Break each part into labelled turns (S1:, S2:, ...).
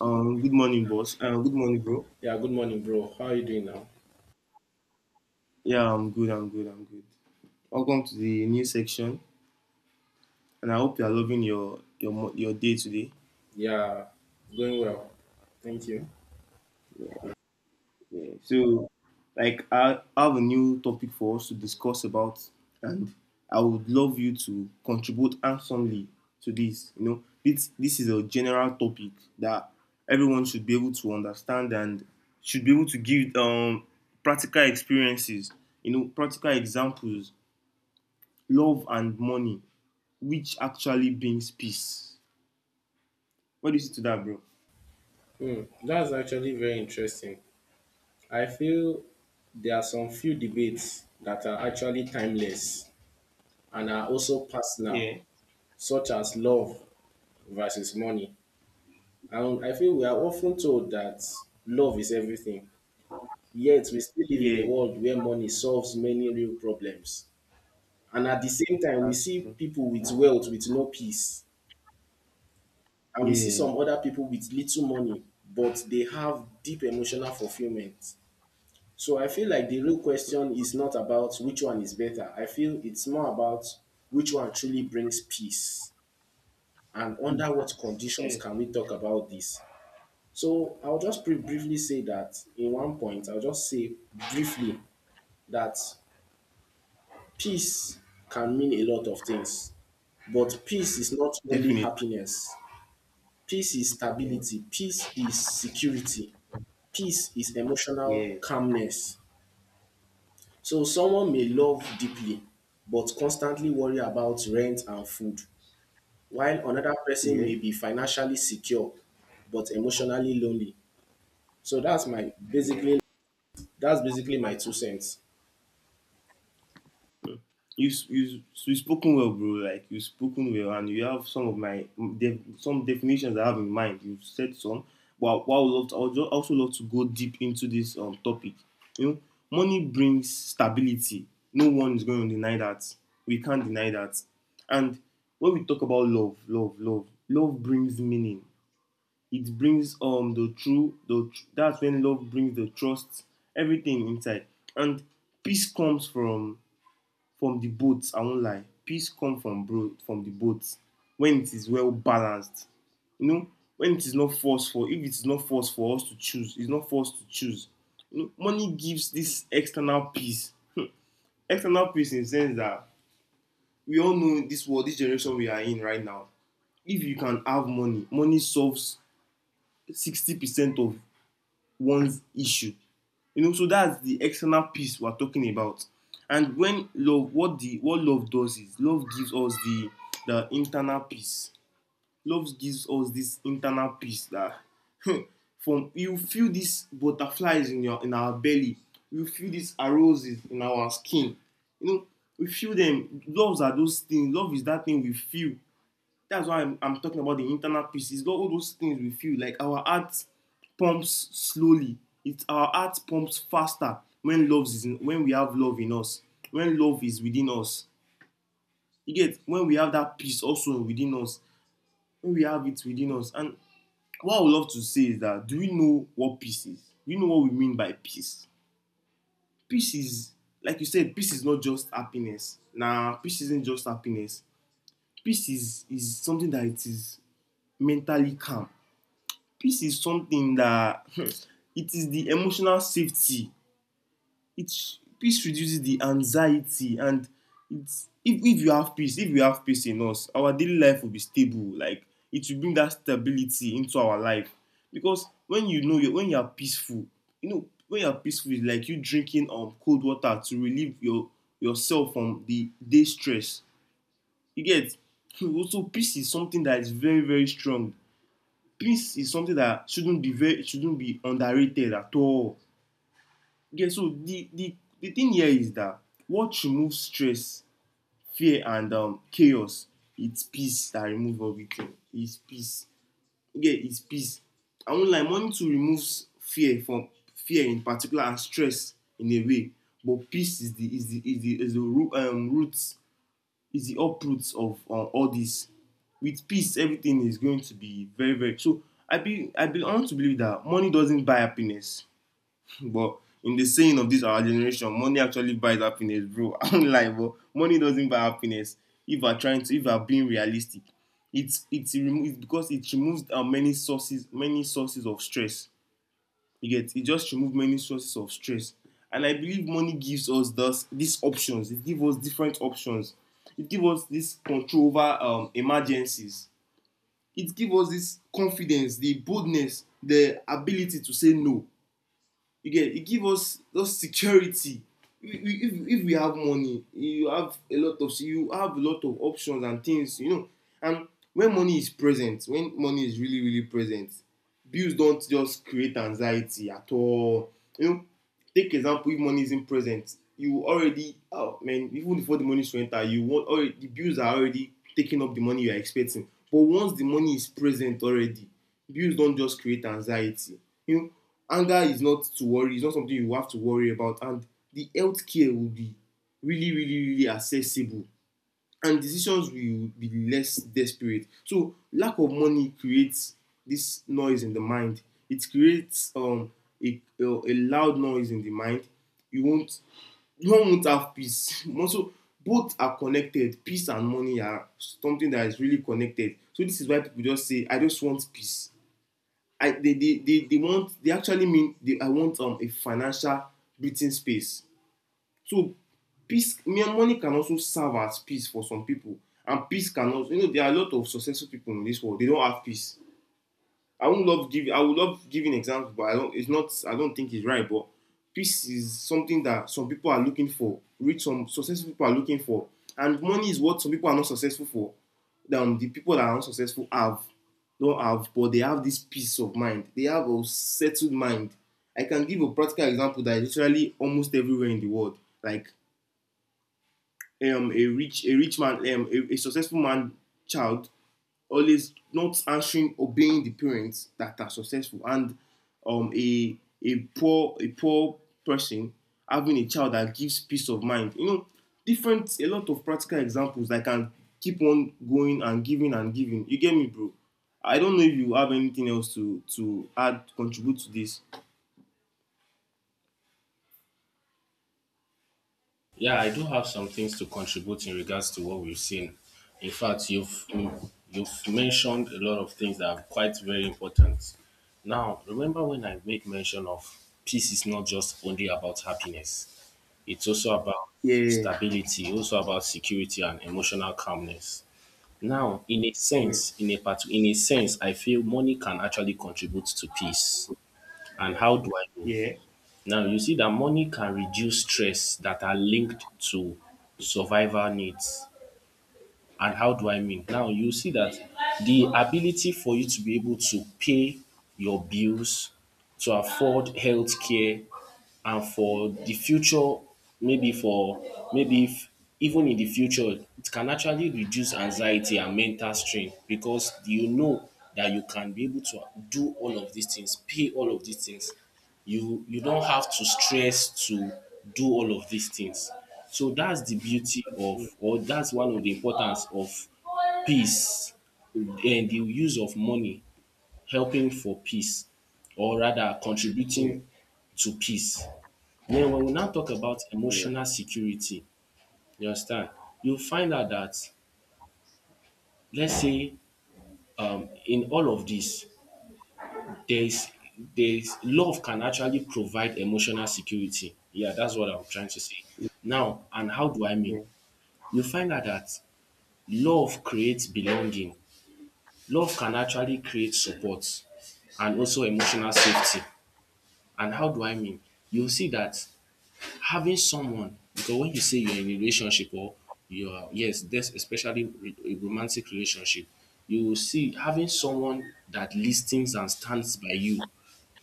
S1: Good morning, boss. Good morning, bro.
S2: Yeah, good morning, bro. How are you doing now?
S1: Yeah, I'm good. I'm good. I'm good. Welcome to the new section, and I hope you are loving your day today.
S2: Yeah, it's going well. Thank you.
S1: Yeah. So, like, I have a new topic for us to discuss about, and I would love you to contribute handsomely to this. You know, this is a general topic that everyone should be able to understand and should be able to give practical experiences. You know, practical examples, love and money, which actually brings peace. What do you say to that, bro?
S2: Hmm, that's actually very interesting. I feel there are some few debates that are actually timeless and are also personal,
S1: Yeah.
S2: such as love versus money. And I feel we are often told that love is everything, yet we still live in a
S1: Yeah,
S2: world where money solves many real problems. And at the same time, we
S1: that's
S2: see
S1: true.
S2: people with wealth with no peace. And we see
S1: Yeah.
S2: some other people with little money, but they have deep emotional fulfillment. So I feel like the real question is not about which one is better. I feel it's more about which one truly brings peace and under what conditions
S1: Yeah.
S2: can we talk about this. So I'll just briefly say that in one point, I'll just say briefly that peace can mean a lot of things, but peace is not only
S1: Definitely.
S2: happiness. Peace is
S1: Mm.
S2: stability. Peace is security. Peace is emotional
S1: Yeah,
S2: calmness. So someone may love deeply but constantly worry about rent and food, while another person
S1: yeah,
S2: may be financially secure but emotionally lonely. So
S1: yeah.
S2: that's basically my two cents.
S1: You spoken well, bro. Like you spoken well, and you have some of my some definitions I have in mind. You've said some, but what I would love to, I would also love to go deep into this topic. You know, money brings stability. No one is going to deny that. We can't deny that. And when we talk about love, love brings meaning. It brings the that's when love brings the trust, everything inside, and peace comes from the both, I won't lie. Peace comes from, bro, from the both when it is well balanced. You know, when it is not forced for if it is not forced for us to choose, it's not forced to choose. You know, money gives this external peace. External peace in the sense that we all know this world, this generation we are in right now. If you can have money, money solves 60% of one's issue. You know, so that's the external peace we're talking about. And when love, what the what love does is love gives us the internal peace. Love gives us this internal peace that from you feel these butterflies in your in our belly. You feel these roses in our skin. You know, we feel them. Loves are those things. Love is that thing we feel, that's why I'm talking about the internal peace. It's got all those things with you. Like our heart pumps slowly. It's our heart pumps faster when love is in, when we have love in us. When love is within us. You get when we have that peace also within us. When we have it within us. And what I would love to say is that, do we know what peace is? Do you know what we mean by peace? Peace is, like you said, peace is not just happiness. Nah, peace isn't just happiness. Peace is something that it is mentally calm. Peace is something that it is the emotional safety, it peace reduces the anxiety. And it's if you have peace, if we have peace in us, our daily life will be stable. Like it will bring that stability into our life because when you know you when you are peaceful, you know when you are peaceful, it's like you drinking cold water to relieve yourself from the day stress. You get so peace is something that is very, very strong. Peace is something that shouldn't be underrated at all. Okay, so the thing here is that what removes stress, fear, and chaos, it's peace that removes everything. It's peace. Okay, it's peace. I won't lie, money to remove fear in particular and stress in a way, but peace is the is the is the is the root, root is the uproots of all this. With peace, everything is going to be very, very. So I want to believe that money doesn't buy happiness, but in the saying of this our generation, money actually buys happiness, bro. I'm like, but money doesn't buy happiness. If we're trying to, if we're being realistic, it's because it removes many sources of stress. You get it just removes many sources of stress. And I believe money gives us thus these options. It gives us different options. It gives us this control over emergencies. It gives us this confidence, the boldness, the ability to say no. You get e give us us security. If we if we have money, you have a lot of, you have a lot of options and things, you know. And when money is present, when money is really, really present, bills don't just create anxiety at all, you know. Take example, if money isn't present, you already, oh man, even before the money is to enter, you want already, the bills are already taking up the money you are expecting. But once the money is present already, bills don just create anxiety, you know. Anger is not to worry, it's not something you have to worry about. And the health care will be really, really, really accessible, and decisions will be less desperate. So lack of money creates this noise in the mind. It creates a loud noise in the mind. You won't you won't have peace. Also, both are connected. Peace and money are something that is really connected. So this is why people just say, I just want peace. I they want they actually mean they I want a financial breathing space. So peace, money can also serve as peace for some people, and peace can also, you know, there are a lot of successful people in this world. They don't have peace. I would love giving examples, but I don't. It's not. I don't think it's right. But peace is something that some people are looking for. Some successful people are looking for, and money is what some people are not successful for. Then the people that are not successful have don't have, but they have this peace of mind. They have a settled mind. I can give a practical example that is literally almost everywhere in the world. Like a rich man, a successful man, child always not answering obeying the parents that are successful, and um, a a poor person having a child that gives peace of mind, you know. Different, a lot of practical examples that can keep on going and giving and giving. You get me, bro? I don't know if you have anything else to add contribute to this.
S2: Yeah, I do have some things to contribute in regards to what we've seen. In fact, you've mentioned a lot of things that are quite very important. Now, remember when I made mention of peace is not just only about happiness. It's also about
S1: Yeah,
S2: stability, also about security and emotional calmness. Now,
S1: yeah,
S2: in a sense, I feel money can actually contribute to peace. And how do I know?
S1: yeah,
S2: Now, you see that money can reduce stress that are linked to survival needs. And how do I mean? Now you see that the ability for you to be able to pay your bills, to afford healthcare, and for the future, maybe if even in the future, it can actually reduce anxiety and mental strain because you know that you can be able to do all of these things, pay all of these things, you don't have to stress to do all of these things. So that's one of the importance of peace and the use of money helping for peace, or rather
S1: yeah, yeah,
S2: contributing to peace. Then when we now talk about
S1: yeah,
S2: emotional security, you understand, you find out that, let's say, in all of this, there is there is love can actually provide emotional security. Yeah, that's what I'm trying to say. Now, and how do I
S1: yeah,
S2: mean?
S1: yeah,
S2: You find out that love creates belonging. Love can actually create support and also emotional safety. And how do I mean? You see that having someone, because when you say you're in a relationship, or you are, yes, that's especially a romantic relationship, you will see having someone that listens and stands by you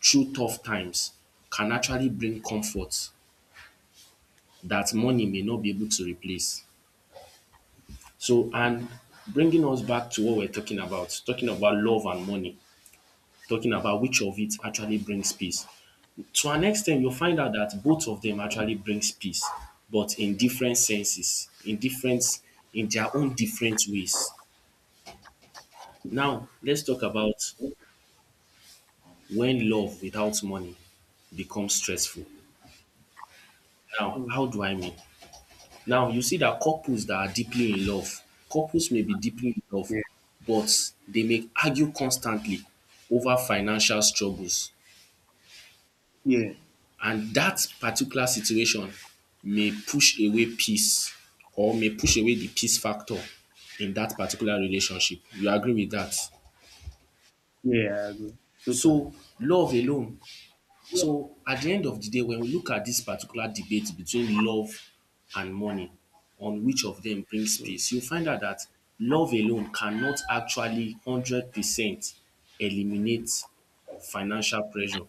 S2: through tough times can actually bring comfort that money may not be able to replace. So and bringing us back to what we're talking about, love and money, talking about which of it actually brings peace. To an extent, you'll find out that both of them actually brings peace, but in different senses, in their own different ways. Now let's talk about when love without money becomes stressful. Now how do I mean? Now you see that couples may be deeply in love,
S1: yeah.
S2: but they may argue constantly over financial struggles,
S1: Yeah.
S2: and dat particular situation may push away peace, or may push away the peace factor in dat particular relationship. You agree with dat?
S1: Yeah, I agree. Totally.
S2: So, love alone. So, at the end of the day, when we look at dis particular debate between love and money, on which of dem brings peace, you find out dat love alone cannot actually 100% eliminate financial pressure.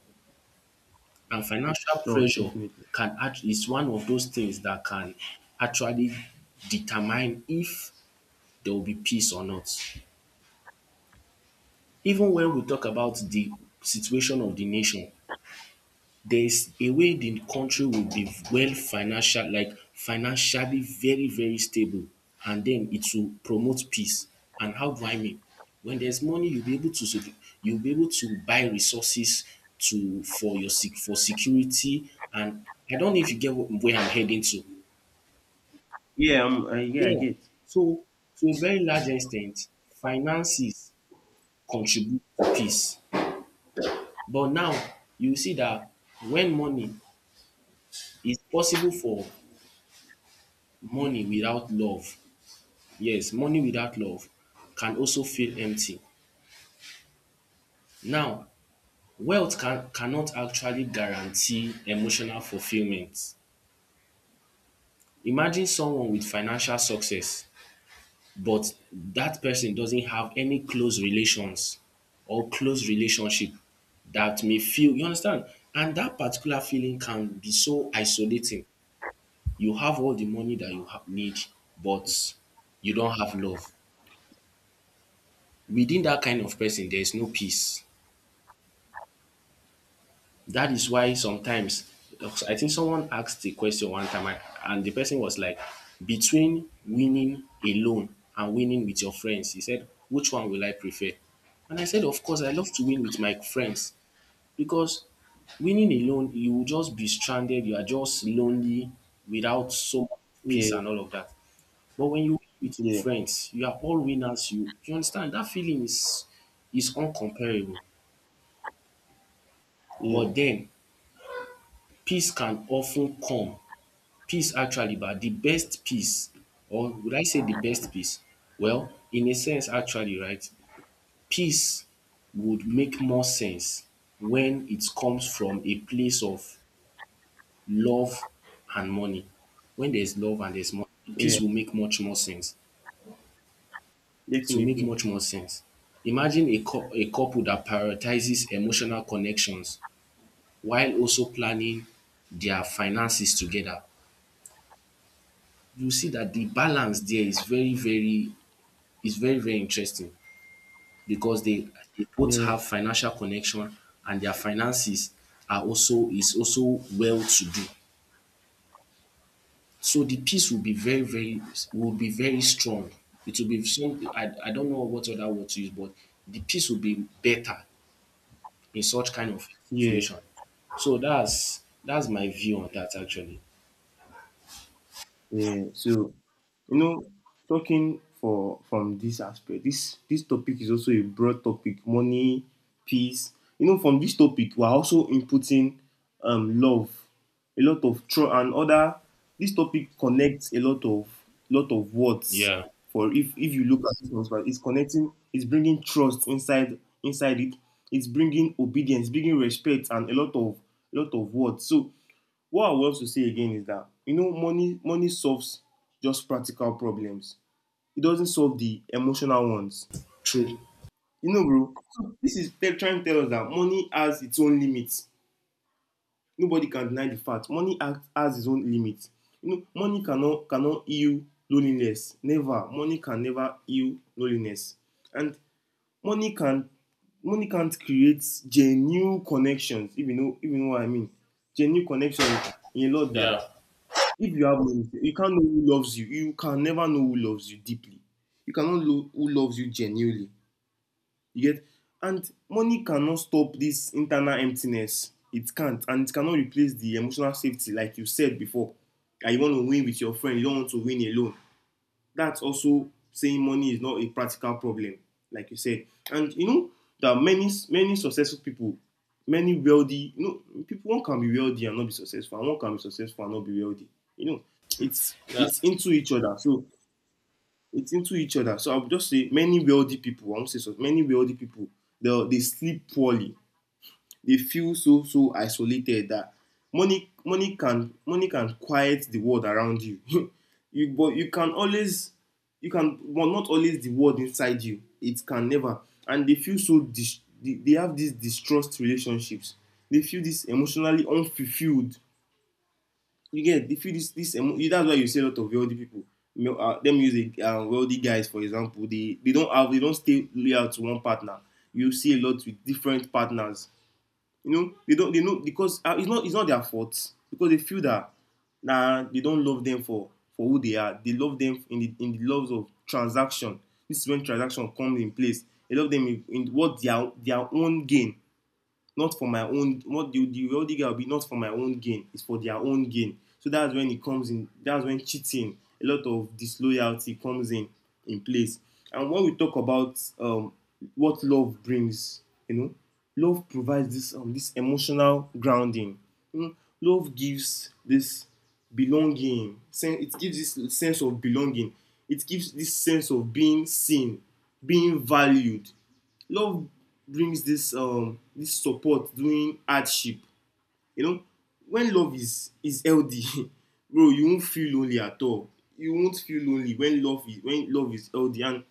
S2: And financial
S1: Sure,
S2: pressure
S1: definitely.
S2: can act is one of those things that can actually determine if there will be peace or not. Even when we talk about the situation of the nation, there's a way the country will be financially very very stable, and then it will promote peace. And how do I mean? When there's money, you'll be able to buy resources to for your sec for security, and I don't know if you get wh where I'm heading to.
S1: Yeah, yeah, I
S2: Yeah.
S1: get.
S2: So to a very large extent, finances contribute to peace. But now you see that, when money it's possible for money without love yes money without love can also feel empty. Now wealth cannot actually guarantee emotional fulfilment. Imagine someone with financial success, but that person doesn't have any close relations or close relationship. That may feel, you understand, and that particular feeling can be so isolating. You have all the money that you have, need, but you don't have love. Within that kind of person there is no peace. That is why sometimes I think someone asked the question one time, and the person was like, between winning alone and winning with your friends, he said, which one will I prefer? And I said, of course, I love to win with my friends, because winning alone, you will just be stranded. You are just lonely without so much
S1: Yeah,
S2: peace and all of that. But when you win with your
S1: yeah,
S2: friends, you are all winners. You understand that feeling is uncomparable.
S1: yeah,
S2: But then peace can often come. Peace actually, but the best peace, or would I say the best peace? Well, in a sense actually, right, peace would make more sense when it comes from a place of love and money. When there's love and there's money,
S1: yeah,
S2: peace will make much more sense. It will make
S1: definitely.
S2: much more sense. Imagine a couple that prioritizes emotional connections while also planning their finances together. You see that the balance there is very. It's very, very interesting because they both
S1: Yeah,
S2: have financial connection, and their finances are also is also well to do. So the peace will be very, very, will be very strong. It will be some I, don't know what other word to use, but the peace will be better in such kind of
S1: yeah.
S2: situation. So that's my view on that actually.
S1: Yeah, so you know, talking for from this aspect, this topic is also a broad topic. Money, peace. You know, from this topic, we're also inputting love, a lot of trust and other. This topic connects a lot of, lot of words.
S2: Yeah.
S1: For if you look at this one, right, it's connecting. It's bringing trust inside it. It's bringing obedience, bringing respect, and a lot of, lot of words. So what I want to say again is that, you know, money solves just practical problems. It doesn't solve the emotional ones.
S2: True.
S1: You know, bro, so this is trying to tell us that money has its own limits. Nobody can deny the fact money act has its own limits. You know, money cannot heal loneliness. Never. Money can never heal loneliness. And money can money can't create genuine connections, if you know, what I mean. Genuine connection in a lot that
S2: Yeah.
S1: if you have money, you can't know who loves you. You can never know who loves you deeply. You cannot know who loves you genuinely. You get and money cannot stop this internal emptiness. It can't, and it cannot replace the emotional safety, like you said before. That you want to win with your friend, you don't want to win alone. That's also saying money is not a practical problem, like you said. And you know, there are many, many successful people, many wealthy. You know, people, one can be wealthy and not be successful, and one can be successful and not be wealthy. You know, it's
S2: That's
S1: into each other. So it's into each other. So I would just say many wealthy people. I won't say so. Many wealthy people. They sleep poorly. They feel so, so isolated that money can quiet the world around you. You but you can always, you can but not always the world inside you. It can never. And they feel so dis they have this distrust relationships. They feel this emotionally unfulfilled. You get they feel this this emo That's why you see a lot of wealthy people, male let me use a wealthy guys for example. They don't stay loyal to one partner, you see a lot with different partners. You know, they know because it's not their fault, because they feel that, nah, they don't love them for who they are. They love them in the love of transaction. This is when transaction comes in place, they love them in what their own gain, not for my own what the wealthy guy will be, not for my own gain, it's for their own gain. So that's when it comes in, that's when cheating, a lot of disloyalty comes in place. And when we talk about, what love brings, you know, love provides this emotional grounding, you know. Love gives this belonging, it gives this sense of belonging, it gives this sense of being seen, being valued. Love brings this support during hardship, you know. When love is healthy, bro, you won't feel lonely at all. You won't feel lonely when love is healthy, and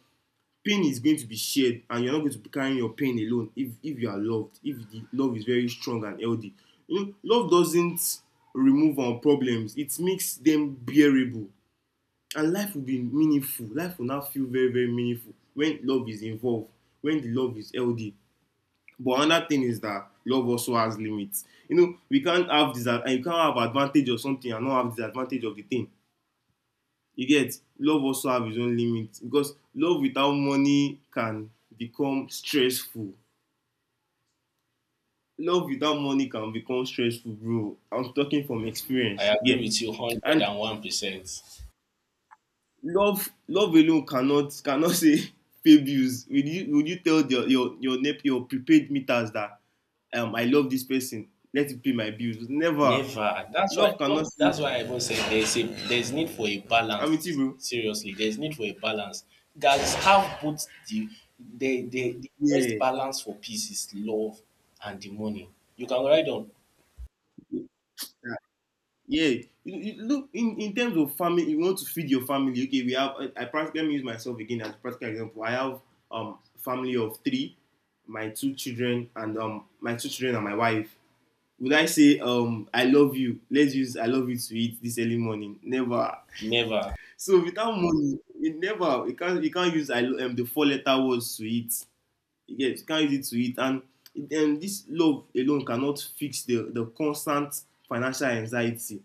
S1: pain is going to be shared, and you're not going to be carrying your pain alone if you are loved, if the love is very strong and healthy. You know, love doesn't remove our problems, it makes them bearable. And life will now feel very, very meaningful when love is involved, when the love is healthy. But another thing is that love also has limits. You know, we can't have this, and you can't have advantage of something and not have disadvantage of the thing. You get love also have its own limits, because love without money can become stressful. Love without money can become stressful, bro. I'm talking from
S2: I
S1: experience.
S2: agree
S1: Yeah.
S2: with you hundred
S1: And
S2: and one percent.
S1: love alone cannot say, pay bills. Would you tell your prepaid meters that, I love this person, let it pay my bills? Never.
S2: Never. That's why
S1: Love
S2: you
S1: cannot
S2: know.
S1: save.
S2: That's why I even said there's a there's need for a
S1: I'm with you,
S2: balance.
S1: bro.
S2: Seriously, there's need for a balance. Guys, have both the best
S1: Yeah,
S2: balance for peace is love and the money. You can ride on.
S1: yeah, yeah. Look, in terms of family, you want to feed your family. Okay, we have. I practically, let me use myself again as a practical example. I have family of three, my two children and my wife. Would I say, I love you? Let's use I love you to eat this early morning. Never.
S2: Never.
S1: So without money, it never. You can't. You can't use the four letter words to eat. Yes. You get it? Can't use it to eat. And this love alone cannot fix the constant financial anxiety.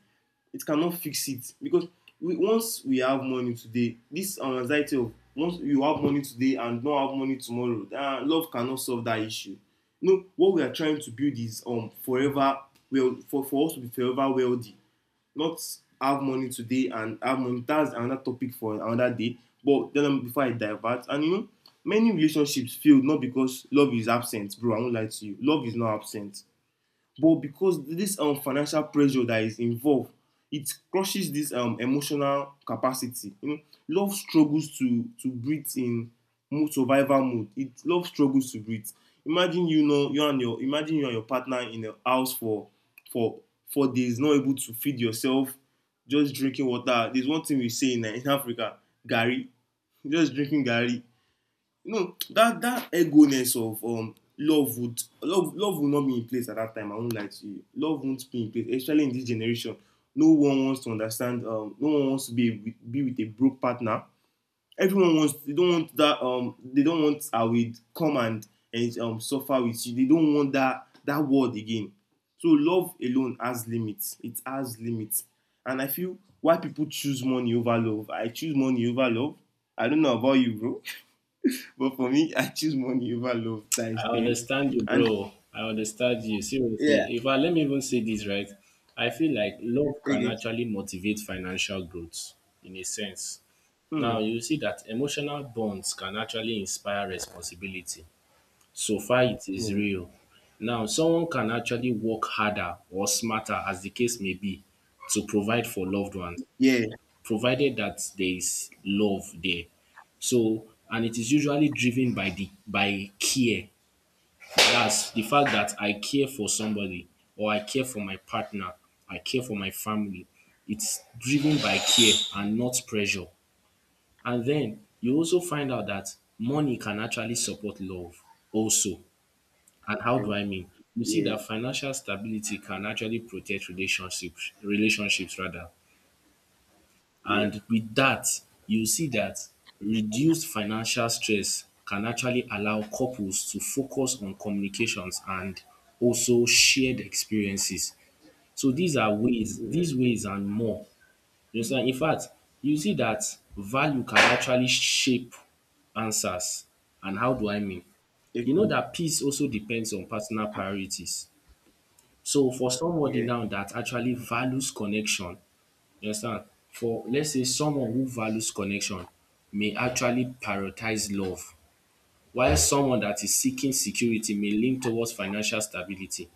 S1: It cannot fix it. Because once we have money today, this anxiety of once you have money today and not have money tomorrow, love cannot solve that issue. You know, what we are trying to build is forever, for us to be forever wealthy, not have money today and have money. That's another topic for another day. But then, before I divert, and you know, many relationships fail not because love is absent, bro. I won't lie to you. Love is not absent, but because this financial pressure that is involved, it crushes this emotional capacity, you know. Love struggles to breathe in mood survival mode, it love struggles to breathe. Imagine, you know, you and your partner in a house for for 4 days not able to feed yourself, just drinking water. There is one thing we say in Africa: garri. Just drinking garri. You know, that egoness of love, would love love would not be in place at that time. I won't lie to you, love won't be in place, especially in this generation. No one wants to understand, no one wants to be with a broke partner. Everyone wants They don't want that, they don't want I will come and suffer with you, they don't want that word again. So love alone has limits, it has limits. And I feel why people choose money over love, I choose money over love. I don't know about you, bro. But for me, I choose money over love times
S2: I
S1: ten.
S2: understand you,
S1: And
S2: bro. I understand you.
S1: yeah,
S2: Seriously. If I Let me even say this right, I feel like love can
S1: okay.
S2: actually motivate financial growth in a sense.
S1: Hmm.
S2: Now you see that emotional bonds can actually inspire responsibility. So far it is real. Now, someone can actually work harder or smarter, as the case may be, to provide for loved ones,
S1: Yeah.
S2: provided that there is love there. So, and it is usually driven by the by care. That's the fact that I care for somebody, or I care for my partner, I care for my family. It's driven by care and not pressure. And then you also find out that money can actually support love also. And how
S1: Yeah.
S2: do I mean? You see
S1: Yeah.
S2: that financial stability can actually protect relationships, relationships rather.
S1: Yeah.
S2: And with that, you see that reduced financial stress can actually allow couples to focus on communications and also shared experiences. So these are ways,
S1: Yeah.
S2: these
S1: Yeah.
S2: ways and more. You understand? In fact, you see that value can actually shape answers. And how do I mean? You know
S1: Definitely.
S2: that peace also depends on personal priorities. So for somebody
S1: Yeah.
S2: now that actually values connection, you understand, for let's say someone who values connection may actually prioritize love, while someone that is seeking security may lean towards financial stability.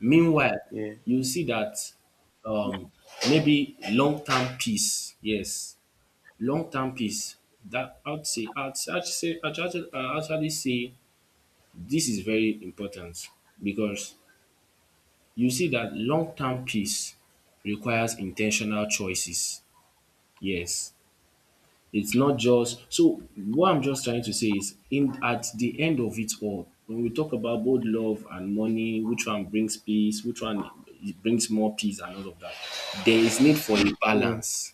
S2: Meanwhile,
S1: Yeah.
S2: you see that um maybe long term peace, yes, long term peace. That I'd say I'd say I'd actually say this is very important because you see that long-term peace requires intentional choices. Yes, it's not just, so what I'm just trying to say is, in at the end of it all, when we talk about both love and money, which one brings peace, which one brings more peace and all of that, there is need for a
S1: Yeah.
S2: balance.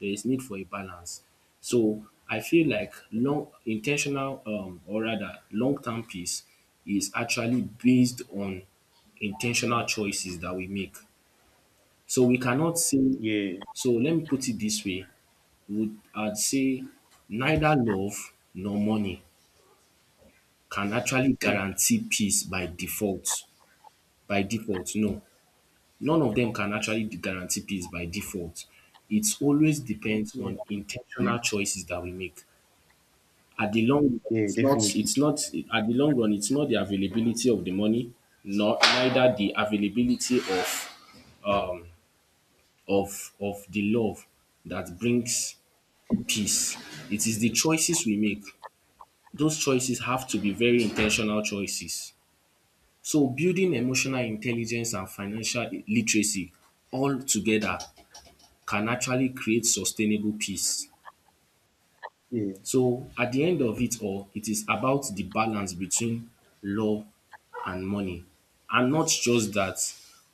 S2: There is need for a balance. So I feel like long intentional or rather long-term peace is actually based on intentional choices that we make. So we cannot say,
S1: Yeah.
S2: so let me put it this way. Would I'd say neither love nor money can actually
S1: Hmm.
S2: guarantee peace by default. By default, no. None of them can actually guarantee peace by default. It always depends
S1: Yeah.
S2: on intentional choices that we make. At the long run,
S1: Yeah. Definitely.
S2: it's not the availability of the money, nor neither the availability of um the love that brings peace. It is the choices we make. Those choices have to be very intentional choices. So building emotional intelligence and financial literacy all together can actually create sustainable peace.
S1: Yeah.
S2: So at the end of it all, it is about the balance between love and money. And not just that,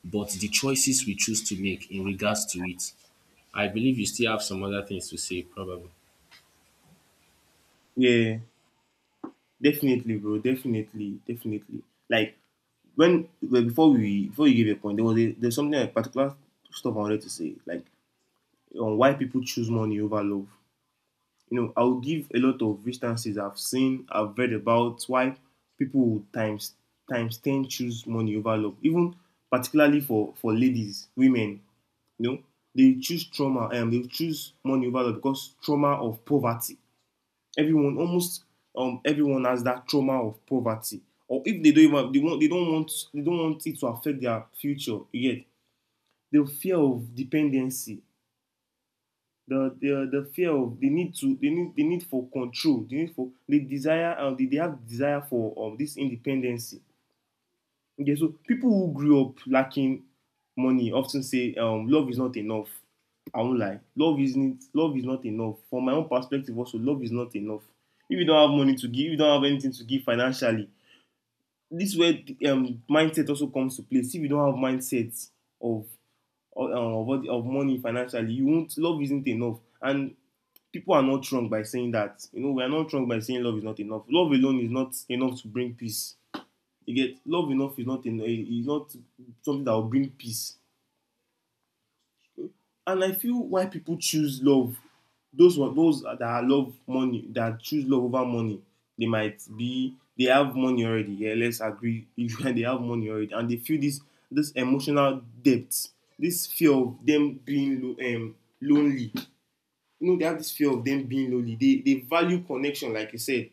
S2: but the choices we choose to make in regards to it. I believe you still have some other things to say, probably.
S1: Yeah. Definitely, bro. Definitely. Definitely. Like, when before we before you give a point, there was there's something, a particular stuff I wanted to say, like, on why people choose money over love. You know, I'll give a lot of instances I've seen, I've read about why people would times 10 choose money over love. Even particularly for ladies, women, you know, they choose money over love because trauma of poverty. Almost, everyone has that trauma of poverty. Or if they don't even they want they don't want they don't want it to affect their future yet. The fear of dependency, the fear of, they need for control, they need for they desire, they have desire for, this independency. Okay, so people who grew up lacking money often say, love is not enough. I won't lie, love is not enough. From my own perspective also, love is not enough. If you don't have money to give, if you don't have anything to give financially, this is where the, mindset also comes to play. If you don't have mindset of of money financially, you won't, love isn't enough. And people are not wrong by saying that. You know, we are not wrong by saying love is not enough. Love alone is not enough to bring peace. You get love enough is not is not something that will bring peace. And I feel why people choose love. Those that love money that choose love over money, they might be they have money already. Yeah, let's agree. They have money already, and they feel this emotional depth, this fear of them being lonely. You know, they have this fear of them being lonely. They value connection, like I said,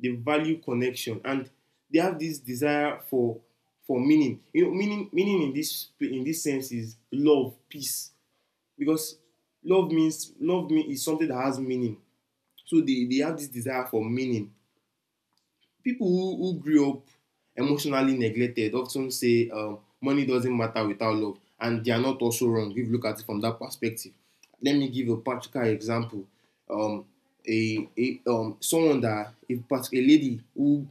S1: they value connection, and they have this desire for meaning. You know, meaning in this sense is love, peace, because love mean is something that has meaning. So they have this desire for meaning. People who grew up emotionally neglected of ten say, money doesn't matter without love, and they are not also wrong if you look at it from that perspective. Let me give a practical example. um, a someone that a partic- a lady who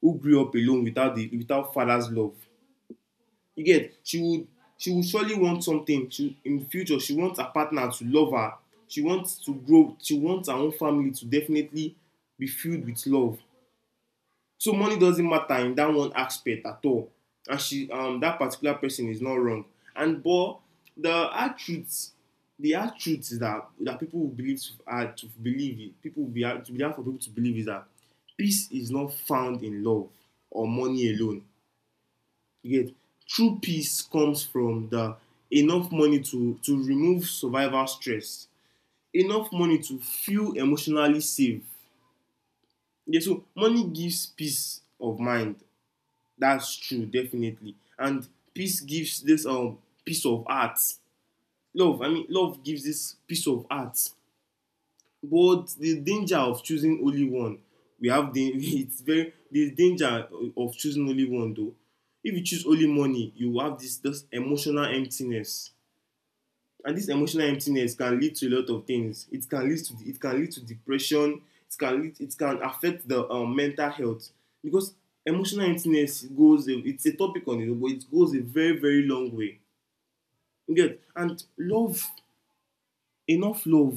S1: who grew up alone without the without father's love. You get, she would surely want something. She In the future, she wants her partner to love her. She wants to grow, she wants her own family to definitely be filled with love. So money doesn't matter in that one aspect at all. And she um that particular person is not wrong. And but the hard truth, is that people will believe to, to believe it, people will be hard to, be hard for people to believe is that peace is not found in love or money alone. You get, true peace comes from the enough money to remove survival stress, enough money to feel emotionally safe. Yeah, so money gives peace of mind. That's true, definitely. And peace gives this peace of heart. Love, I mean, love gives this peace of heart. But the danger of choosing only one, we have the it's very, the danger of choosing only one though. If you choose only money, you have this emotional emptiness. And this emotional emptiness can lead to a lot of things, it can lead to depression. It can affect the, mental health, because emotional emptiness goes it's a topic on it, but it goes a very, very long way. You get, and love enough love,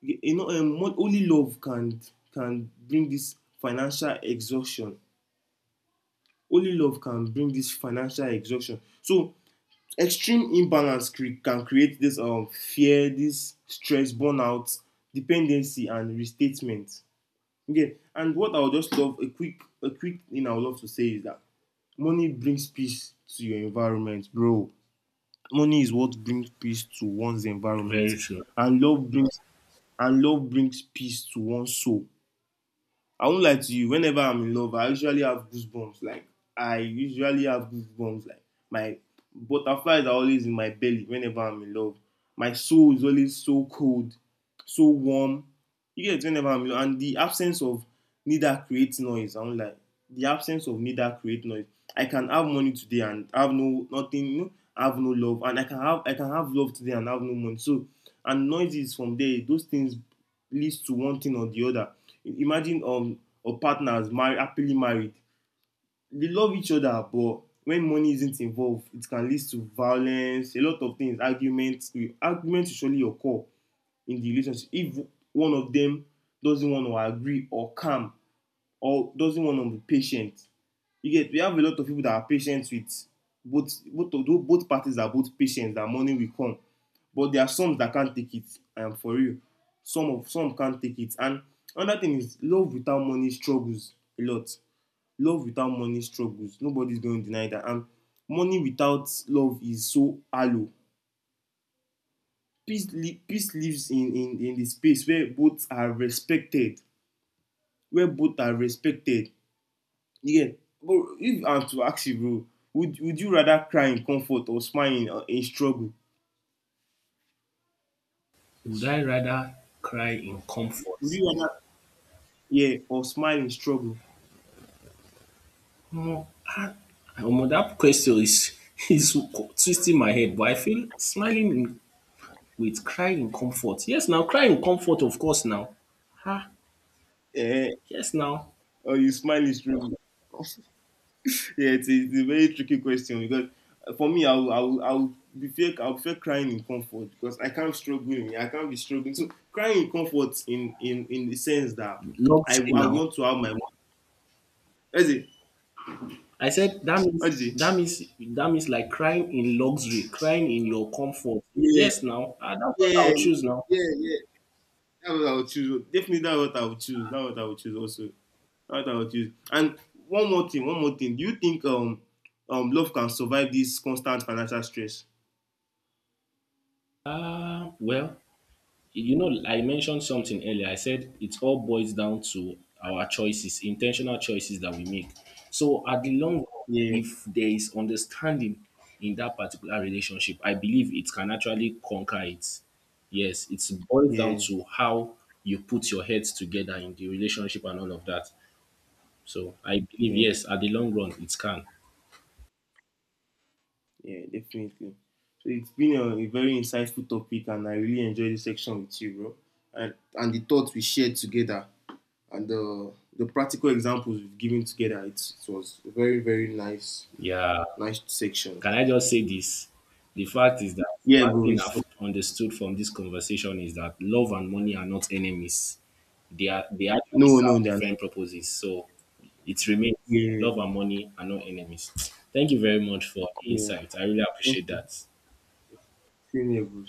S1: you know, only love can bring this financial exhaustion. Only love can bring this financial exhaustion. So extreme imbalance can create this, fear, this stress, burnout, dependency, and restatement. Okay, and what I would just love, a quick thing I would love to say is that money brings peace to your environment, bro. Money is what brings peace to one's environment.
S2: Very true.
S1: And love brings and love brings peace to one's soul. I won't lie to you. Whenever I'm in love, I usually have goosebumps. Like, I usually have goosebumps. Like, my butterflies are always in my belly whenever I'm in love. My soul is always so cold, so warm. You get it whenever I'm in love. And the absence of neither creates noise. I won't lie. The absence of neither creates noise. I can have money today and have no nothing. You know, have no love. And I can have love today and have no money. So, and noises from there, those things leads to one thing or the other. Imagine, or partners married, happily married. They love each other, but when money isn't involved, it can lead to violence, a lot of things, arguments. Arguments will surely occur in the relationship if one of them doesn't want to agree or calm, or doesn't want to be patient. You get, we have a lot of people that are patient with both of those, both parties are both patient that money will come. But there are some that can't take it. I am, for real, some can't take it. And another thing is love without money struggles a lot. Love without money struggles, nobody's going to deny that. And money without love is so hollow. Peace lives in the space where both are respected, where both are respected. Yeah, bro. If I'm to ask you, bro, would you rather cry in comfort or smile in struggle?
S2: Would I rather cry in
S1: Would
S2: comfort?
S1: you rather, yeah, or smile in struggle?
S2: No, ah, omo dat question is is twisting my head, but I feel smiling in with cry in comfort. Yes now, cry in comfort of course now. Ah,
S1: Yeah,
S2: yes now,
S1: or you smile in struggle? Yeah, it's a very tricky question because, for me, I will fear crying in comfort because I can't struggle. I can't be struggling. So crying in comfort in the sense that I
S2: luxury
S1: I
S2: now.
S1: want to have my. What is it?
S2: I said that
S1: What is
S2: means
S1: it?
S2: like crying in luxury, crying in your comfort.
S1: Yeah,
S2: Yes now, dat's what
S1: yeah,
S2: I'll choose now.
S1: yeah, yeah. That's what I would choose. Definitely, that's what I would choose. That's what I would choose. Also, that's what I would choose. And one more thing, one more thing. Do you think love can survive this constant financial stress?
S2: Well, you know, I mentioned something earlier. I said it all boils down to our choices, intentional choices that we make. So, at the long run,
S1: Yeah,
S2: if there is understanding in that particular relationship, I believe it can actually conquer it. Yes, it boils down
S1: yeah,
S2: to how you put your heads together in the relationship and all of that. So, I believe,
S1: yeah,
S2: yes, at the long run, it can.
S1: yeah. Definitely. So it's been a very insightful topic, and I really enjoyed this section with you, bro. And the thoughts we shared together, and the practical examples we've given together. It was a very, very
S2: Yeah.
S1: nice section.
S2: Can I just say this? The fact is that
S1: Yeah,
S2: one
S1: bro.
S2: thing
S1: It's, so,
S2: I've understood from this conversation is that love and money are not enemies. They actually
S1: no,
S2: serve
S1: no, they're not.
S2: different purposes. So it remains,
S1: Yeah,
S2: love and money are not enemies. Thank you very much for the insight. I really appreciate
S1: yeah.
S2: that.
S1: 训练部